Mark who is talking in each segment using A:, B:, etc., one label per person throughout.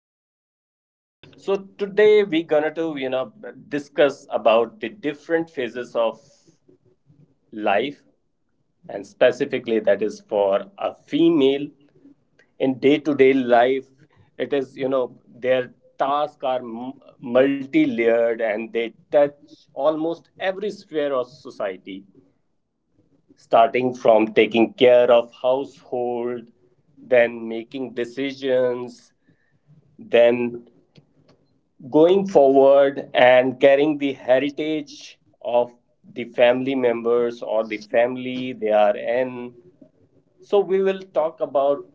A: podcast. So today we're gonna to you know discuss about the different phases of life, and specifically that is for a female in day-to-day life. It is their tasks are multi-layered and they touch almost every sphere of society, starting from taking care of household, then making decisions, then going forward and carrying the heritage of the family members or the family they are in. So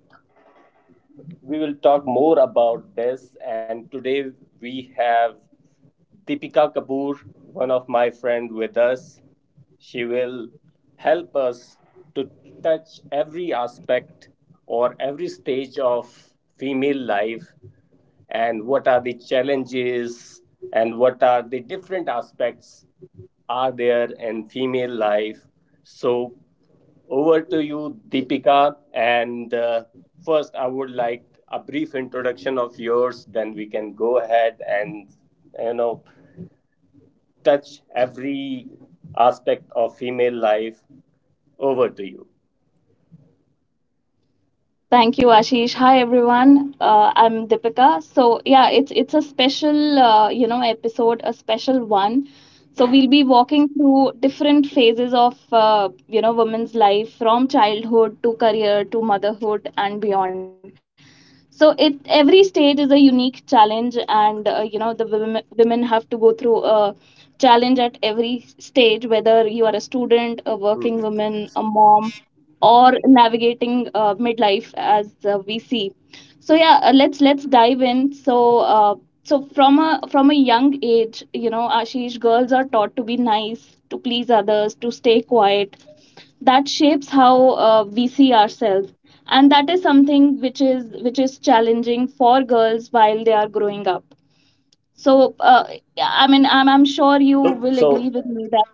A: we will talk more about this, and today we have Deepika Kapoor, one of my friend with us. She will help us to touch every aspect or every stage of female life and what are the challenges and what are the different aspects are there in female life. So over to you, Deepika, and first I would like a brief introduction of yours, then we can go ahead and you know touch every aspect of female life. Over to you.
B: Thank you, Ashish. Hi, everyone. I'm Deepika. So yeah, it's a special episode, a special one. So we'll be walking through different phases of women's life from childhood to career to motherhood and beyond, so it every stage is a unique challenge, and the women have to go through a challenge at every stage, whether you are a student, a working
A: Mhm.
B: woman, a mom, or navigating midlife as we see. So yeah, let's dive in, so so from a young age, you know, Ashish, girls are taught to be nice, to please others, to stay quiet. That shapes how we see ourselves, and that is something which is challenging for girls while they are growing up. So I'm sure you
A: so
B: will agree
A: so
B: with me that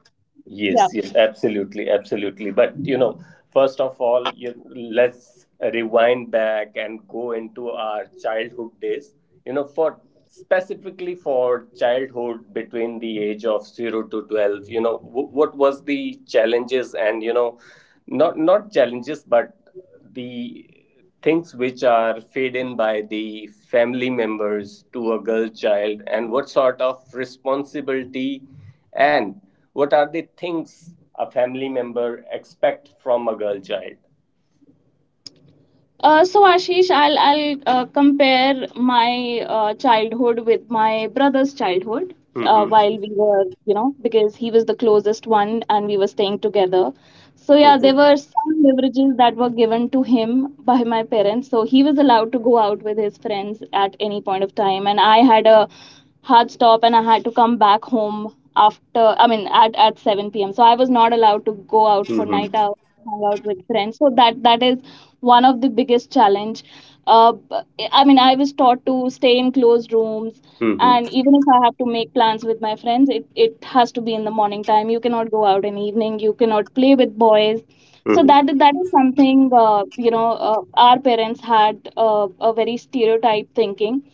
B: yeah.
A: Yes, yes, absolutely, absolutely. But you know, first of all, you, let's rewind back and go into our childhood days. You know, for specifically for childhood between the age of 0 to 12. You know, what was the challenges and you know not challenges but the things which are fed in by the family members to a girl child, and what sort of responsibility and what are the things a family member expect from a girl child.
B: So Ashish, I'll compare my childhood with my brother's childhood.
A: Mm-hmm.
B: While we were, you know, because he was the closest one and we were staying together. So yeah, there
A: Mm-hmm.
B: were some leverages that were given to him by my parents. So he was allowed to go out with his friends at any point of time, and I had a hard stop, and I had to come back home after at 7 p.m. So I was not allowed to go out for night
A: Mm-hmm.
B: out, hang out with friends. So that is one of the biggest challenge. B- I mean I was taught to stay in closed rooms,
A: Mm-hmm.
B: and even if I have to make plans with my friends, it has to be in the morning time. You cannot go out in evening. You cannot play with boys. So
A: Mm-hmm.
B: that is something our parents had a very stereotype thinking.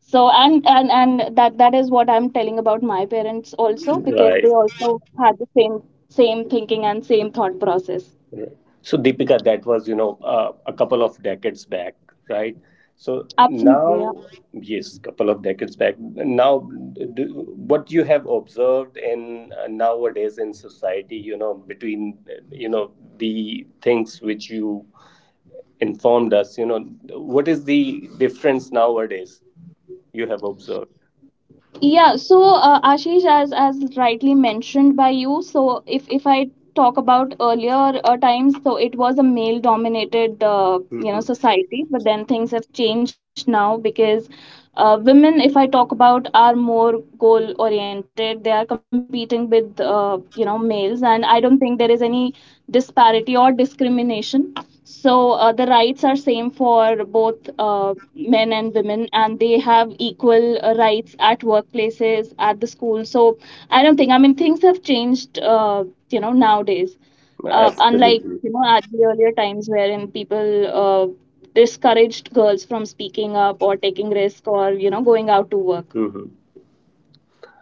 B: So and that is what I'm telling about my parents also, because
A: Right.
B: they also had the same thinking and same thought process.
A: Right. So, Deepika, that was, you know, a couple of decades back, right? So
B: Absolutely, yeah.
A: now, yes, couple of decades back. Now, do, what you have observed in nowadays in society, you know, between, you know, the things which you informed us, you know, what is the difference nowadays you have observed?
B: Yeah, so Ashish, as rightly mentioned by you, so if I talk about earlier times, so it was a male dominated
A: Hmm.
B: society, but then things have changed now, because women, if I talk about, are more goal oriented. They are competing with males, and I don't think there is any disparity or discrimination. So the rights are same for both men and women, and they have equal rights at workplaces, at the school. So I don't think I mean things have changed, nowadays unlike,
A: Absolutely.
B: you know, at the earlier times, wherein people discouraged girls from speaking up or taking risk or, you know, going out to work.
A: Hmm.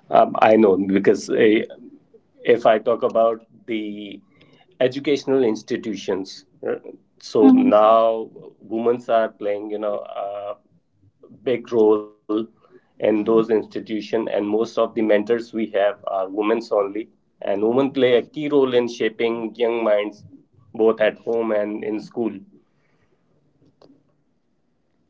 A: I know because if I talk about the educational institutions, so
B: Mm-hmm.
A: now women are playing, you know, a big role in those institutions, and most of the mentors we have are women's only, and women play a key role in shaping young minds, both at home and in school.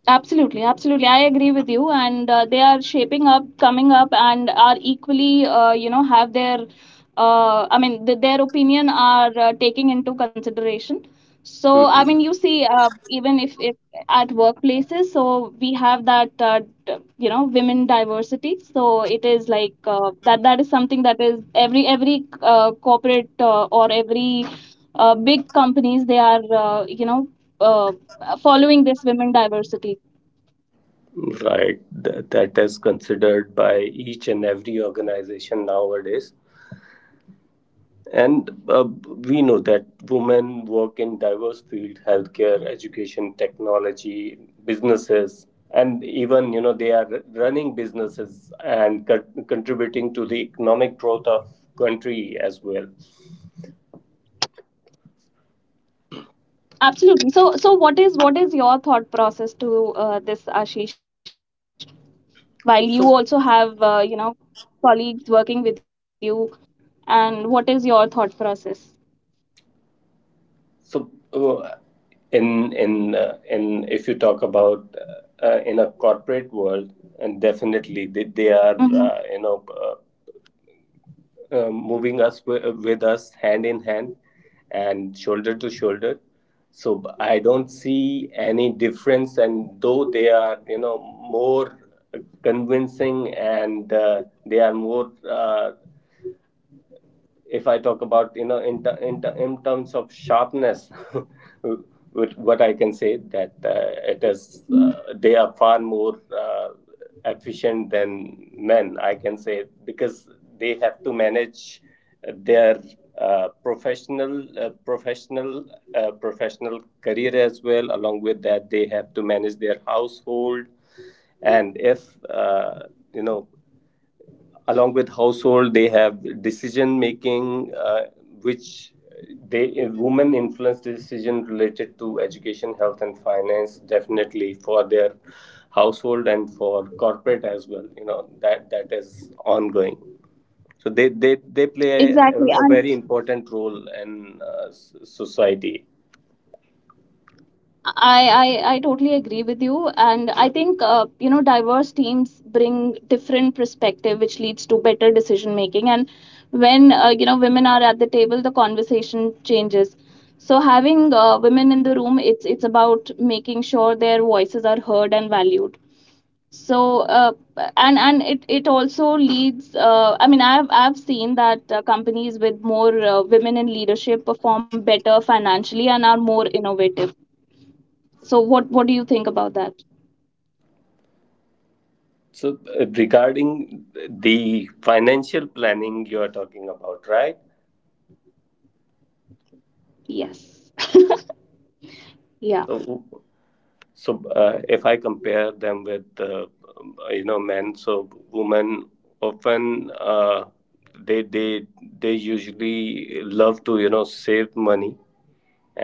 B: Absolutely, absolutely. I agree with you, and they are shaping up, coming up, and are equally, have their, their opinion are taking into consideration. So, I
A: Mhm.
B: mean, you see, even if at workplaces, so we have that, you know, women diversity. So it is like that. That is something that is every corporate or every big companies they are, Uh, following this women diversity.
A: Right, that is considered by each and every organization nowadays. And we know that women work in diverse fields, healthcare, education, technology, businesses, and even you know they are running businesses and contributing to the economic growth of country as well.
B: Absolutely. So, what is your thought process to this, Ashish? While you also have
A: So,
B: colleagues working with you, and what is your thought process?
A: so in if you talk about in a corporate world, and definitely they,
B: Hmm.
A: they are you know moving with us hand in hand and shoulder to shoulder. So I don't see any difference. And though they are, you know, more convincing and they are more if I talk about you know in terms of sharpness, with what I can say that it is they are far more efficient than men. I can say because they have to manage their uh, professional uh, professional professional career as well. Along with that, they have to manage their household, and if you know along with household they have decision making which they women influence decision related to education, health and finance, definitely for their household and for corporate as well, you know that that is ongoing. So they play a
B: Exactly. And
A: very important role in society.
B: I totally agree with you, and I think diverse teams bring different perspective, which leads to better decision making. And when women are at the table, the conversation changes. So having women in the room, it's about making sure their voices are heard and valued. So and it it also leads. I've seen that companies with more women in leadership perform better financially and are more innovative. So what do you think about that?
A: So regarding the financial planning you are talking about, right?
B: Yes. Yeah.
A: So, if I compare them with you know men, so women often they they they usually love to you know save money,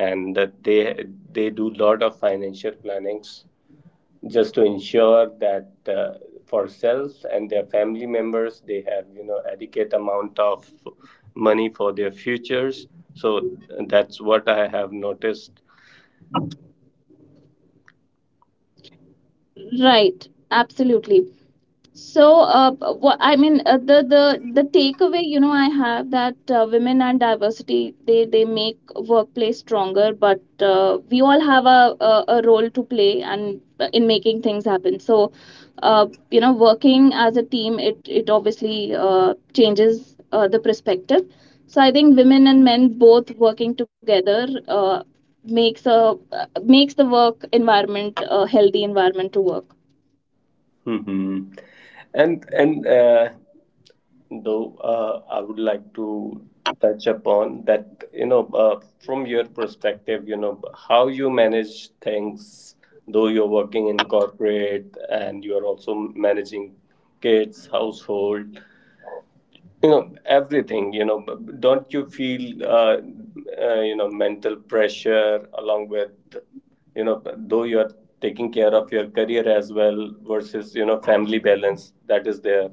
A: and that they do lot of financial plannings just to ensure that for self and their family members they have you know adequate amount of money for their futures. So that's what I have noticed.
B: Right. Absolutely. So, what the takeaway, you know, I have that women and diversity they make workplace stronger, but we all have a, a role to play and in making things happen. So, working as a team, it obviously changes the perspective. So, I think women and men both working together makes a makes the work environment a healthy environment to work.
A: Hmm. And Though I would like to touch upon that you know, from your perspective you know how you manage things, though you're working in corporate and you're also managing kids, household, you know everything. You know, don't you feel you know mental pressure, along with you know though you're taking care of your career as well versus you know family balance that is there.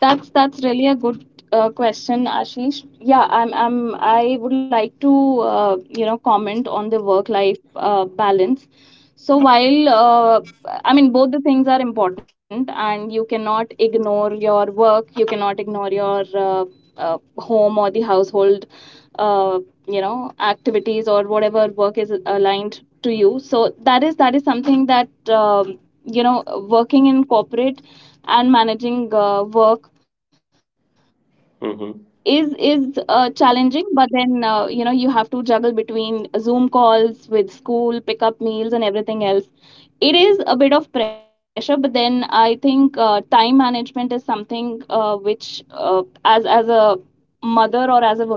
B: That's really a good question, Ashish. Yeah, I would like to comment on the work life balance. So while I mean both the things are important, and you cannot ignore your work, you cannot ignore your home or the household, uh, activities or whatever work is aligned to you. So that is something that you know working in corporate and managing work is challenging, but then you have to juggle between zoom calls with school pickup meals and everything else. It is a bit of pressure, but then I think time management is something which as a mother or as a woman I should say that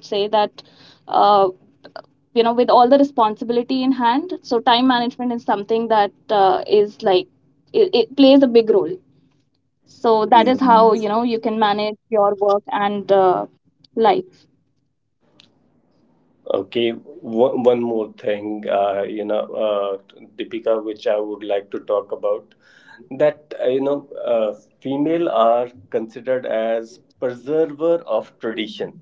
B: uh, with all the responsibility in hand, so time management is something that is like it plays a big role. So that is how, you know, you
A: Mm-hmm.
B: can manage your work and life.
A: Okay, one more thing, Deepika, which I would like to talk about, that female are considered as preserver of tradition.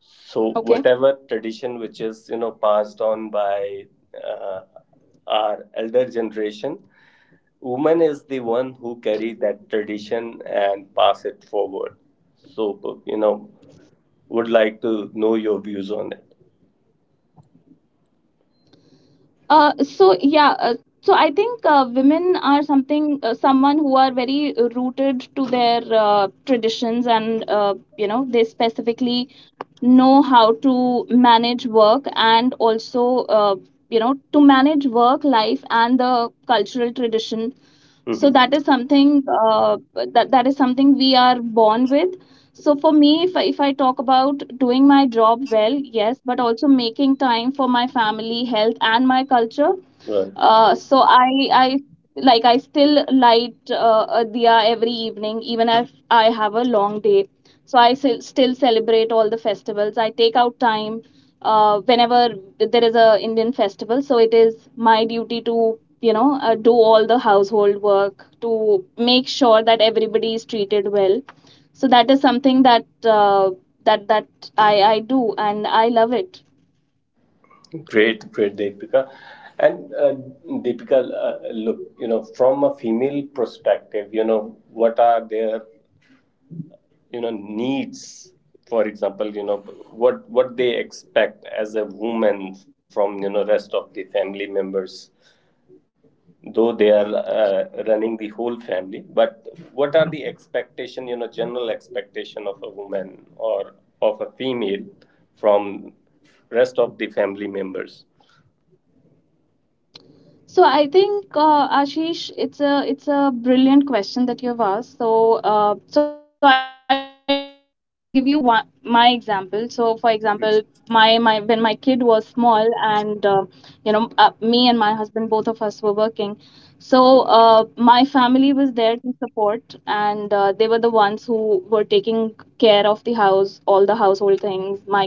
A: So
B: Okay,
A: whatever tradition which is you know passed on by uh, our elder generation, woman is the one who carry that tradition and pass it forward. So you know, would like to know your views on it.
B: so yeah, so I think women are something someone who are very rooted to their traditions, and they specifically know how to manage work and also uh, to manage work life and the cultural tradition. So
A: Mhm.
B: that is something that is something we are born with. So for me, if if I talk about doing my job well, yes, but also making time for my family health and my culture.
A: Right.
B: I like I still light a diya every evening, even if I have a long day. So I still celebrate all the festivals. I take out time whenever there is a Indian festival. So it is my duty to, you know, do all the household work to make sure that everybody is treated well. So that is something that that that I do and I love it.
A: Great, great, Deepika. And Deepika, look, you know, from a female perspective, you know, what are their, you know, needs? For example, you know, what they expect as a woman from you know rest of the family members, though they are running the whole family. But what are the expectation, you know, general expectation of a woman or of a female from rest of the family members?
B: So I think Ashish, it's a brilliant question that you've asked. So so I'll give you one my example. So for example, my when my
A: Mhm.
B: kid was small, and me and my husband both of us were working. So my family was there to support, and they were the ones who were taking care of the house, all the household things, my kid.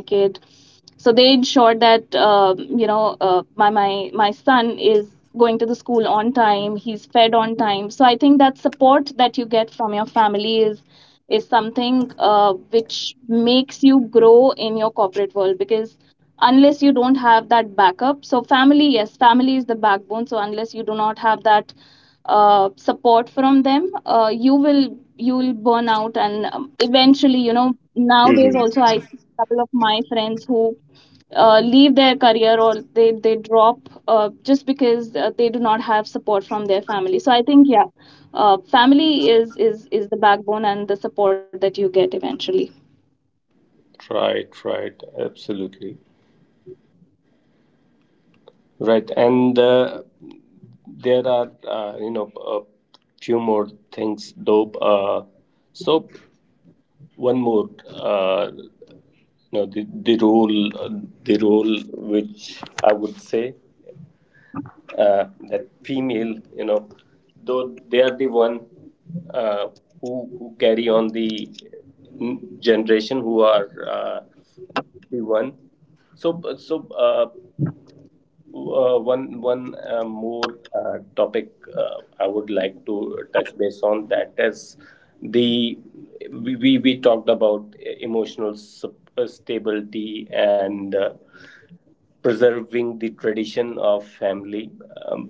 B: So they ensured that my son is going to the school on time, he's fed on time. So I think that support that you get from your family is something which makes you grow in your corporate world, because unless you don't have that backup, so family, yes, family is the backbone. So unless you do not have that support from them, you will burn out. And eventually, you know, nowadays also I couple of my friends who leave their career, or they drop just because they do not have support from their family. So I think yeah, family is the backbone and the support that you get eventually.
A: Right, right, absolutely right, and there are you know a few more things though. So one more, you know, the role which I would say that female, you know, though they are the one uh, who carry on the generation, who are the one. so so. Uh, One more topic I would like to touch base on, that is the we we talked about emotional stability and preserving the tradition of family. Um,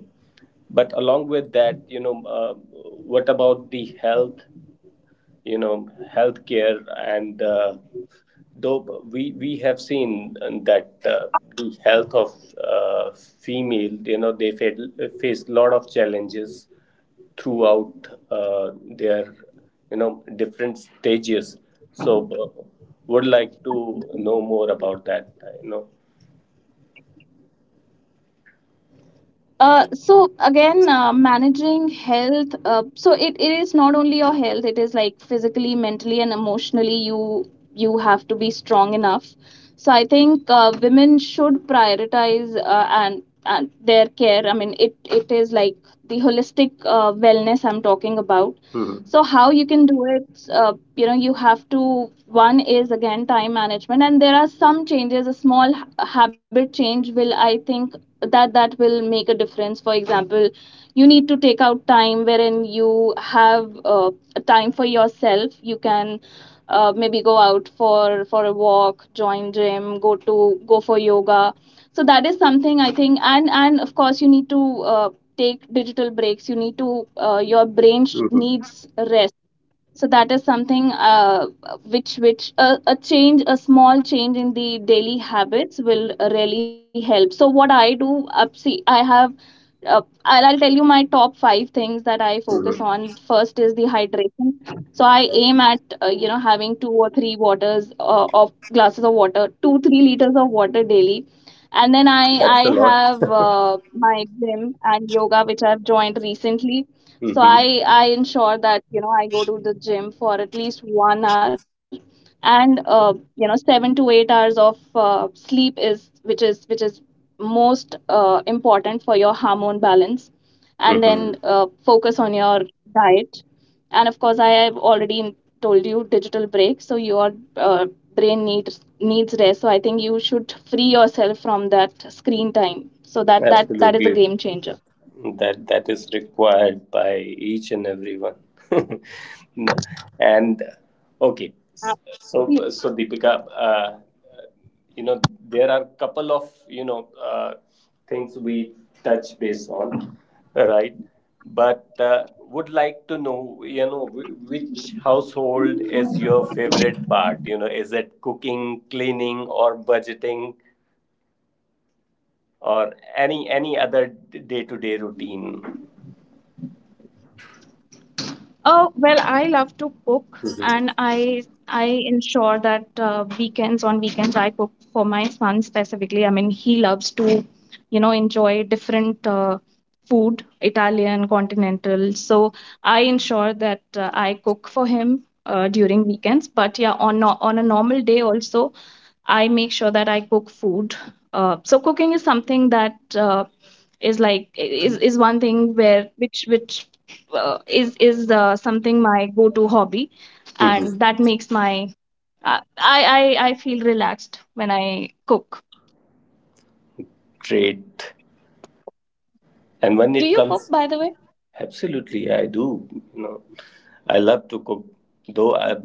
A: But along with that, you know, what about the health, you know, healthcare, and though we have seen that the health of female, you know they face a lot of challenges throughout their you know different stages. So would like to know more about that, you know.
B: So again, managing health. So it is not only your health; it is like physically, mentally, and emotionally. You have to be strong enough. So I think women should prioritize and their care. I mean, it is like the holistic wellness I'm talking about.
A: Hmm.
B: So how you can do it? You have to. One is again time management, and there are some changes. A small habit change will, I think, that will make a difference. For example, you need to take out time wherein you have time for yourself. You can maybe go out for a walk, join gym, go for yoga. So that is something, I think, and of course, you need to take digital breaks. Your brain
A: Hmm.
B: needs rest. So that is something which a small change in the daily habits will really help. So what I do, see, I'll tell you my top five things that I focus on.
A: Hmm.
B: First is the hydration, so I aim at having two or three waters, of glasses of water, 2-3 liters of water daily. And then i
A: That's
B: i
A: a lot.
B: have my gym and yoga, which I've joined recently. So
A: Hmm.
B: I ensure that I go to the gym for at least 1 hour. And 7 to 8 hours of sleep is which is which is most important for your hormone balance. And
A: Hmm.
B: then focus on your diet. And of course, I have already told you, digital break, so your uh, brain needs rest. So I think you should free yourself from that screen time. So that is a
A: Absolutely,
B: game changer.
A: that that is required by each and everyone. No. and Okay.
B: Absolutely.
A: So, Deepika, uh, you know, there are couple of you know things we touch base on, right? But would like to know you know which household is your favorite part, you know, is it cooking, cleaning or budgeting or any other day to day routine
B: Oh, well, I love to cook, and I ensure that, weekends on weekends, I cook for my son specifically. I mean, he loves to, enjoy different food, Italian, continental. So I ensure that I cook for him during weekends. But yeah, on no on a normal day also, I make sure that I cook food. So cooking is something that is like is one thing where which is something, my go to hobby, and that makes my I feel relaxed when I cook.
A: trait. And when
B: Do
A: it
B: you cook,
A: comes,
B: by the way?
A: absolutely, I do. You know, I love to cook, though I,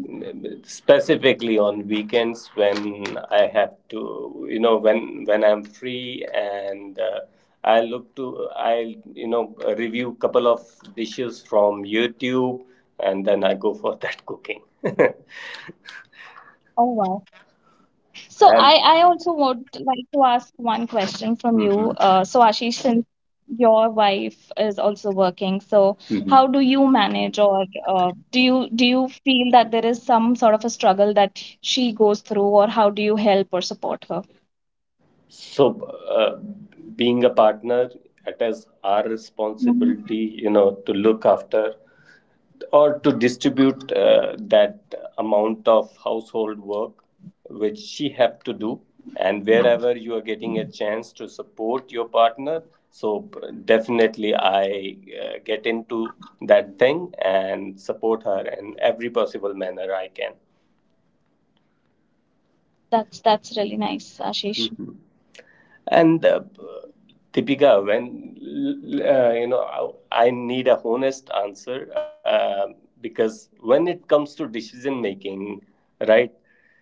A: specifically on weekends when I have to, you know, when I'm free, and I look to, I you know, review couple of dishes from YouTube, and then I go for that cooking.
B: Oh wow. So
A: and.
B: I also would like to ask one question from you.
A: Mhm.
B: So Ashish, since your wife is also working, so how
A: Mhm.
B: do you manage, or do you feel that there is some sort of a struggle that she goes through, or how do you help or support her?
A: So, uh, being a partner, it is our
B: Mhm.
A: responsibility, you know, to look after or to distribute that amount of household work which she have to do. And wherever you are getting a chance to support your partner, so definitely I get into that thing and support her in every possible manner I can.
B: That's really nice, Ashish.
A: Mhm. And Deepika, when you know, I need a honest answer because when it comes to decision making, right?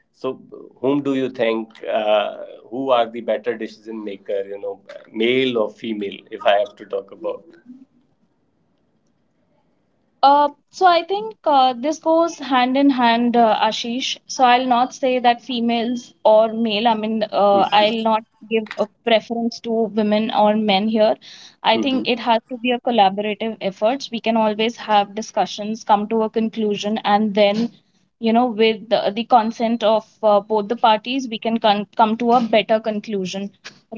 A: So, whom do you think? Who are the better decision maker? You know, male or female? If I have to talk about,
B: So I think this goes hand in hand, Ashish. So I'll not say that females or male. I mean, I'll
A: mhm,
B: not give a preference to women or men here. I think
A: mhm,
B: it has to be a collaborative effort. We can always have discussions, come to a conclusion, and then, with the consent of both the parties, we can come to a better conclusion,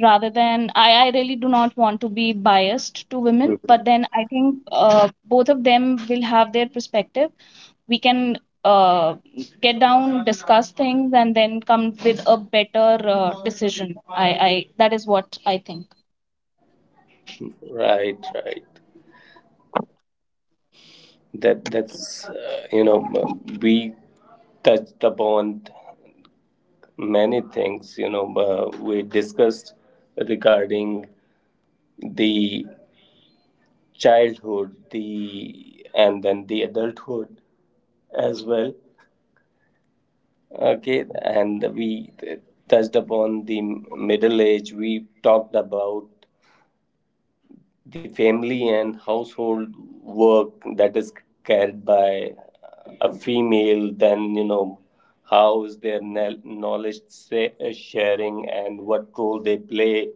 B: rather than... I really do not want to be biased to women, but
A: mhm.
B: then I think both of them will have their perspective. We can uh, get down, discuss things, and then come with a better decision. I That is what I think.
A: Right, right. That that's you know we touched upon many things you know, we discussed regarding the childhood the and then the adulthood as well. Okay, and we touched upon the middle age, we talked about the family and household work that is carried by a female. Then you know how is their knowledge sharing and what role they play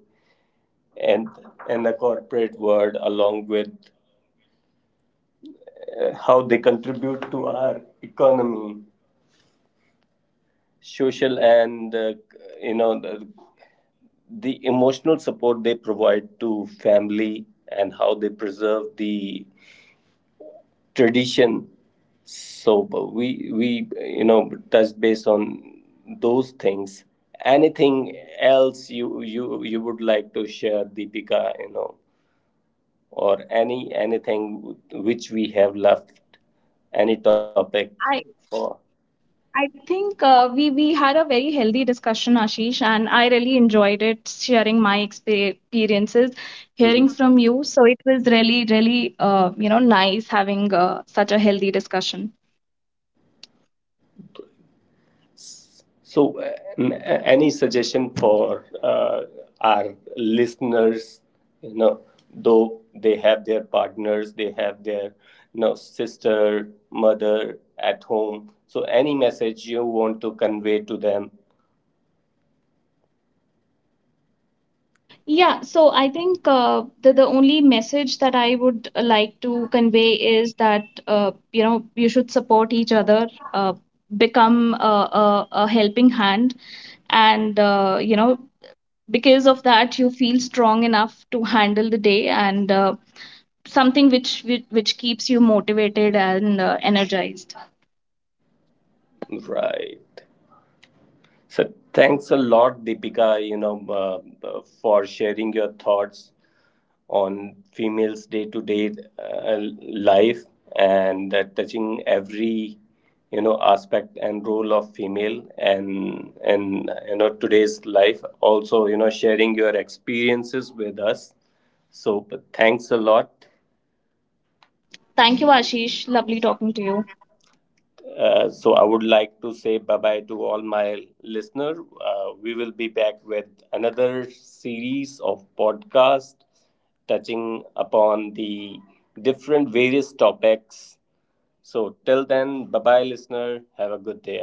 A: and and the corporate world, along with how they contribute to our economy, social, and you know the emotional support they provide to family, and how they preserve the tradition. So but we you know touch base on those things. Anything else you would like to share, Deepika, you know, or any
B: uh,
A: anything which we have left, any topic
B: I
A: for
B: I think we had a very healthy discussion, Ashish, and I really enjoyed it, sharing my experiences,
A: Mhm.
B: hearing from you. So it was really, really, nice having such a healthy discussion.
A: So any suggestion for our listeners, you know, though they have their partners, they have their you know sister, mother at home, so any message you want to convey to them?
B: Yeah, so I think the only message that I would like to convey is that you should support each other, uh, become a helping hand, and because of that you feel strong enough to handle the day, and something which keeps you motivated and energized.
A: Right. So thanks a lot, Deepika, you know, for sharing your thoughts on females' day-to-day life and touching every, you know, aspect and role of female and you know today's life. Also, you know, sharing your experiences with us. So but thanks a lot.
B: Thank you, Ashish. Lovely talking to you.
A: So I would like to say bye bye to all my listeners. We will be back with another series of podcast touching upon the different various topics. So till then, bye bye, listener. Have a good day.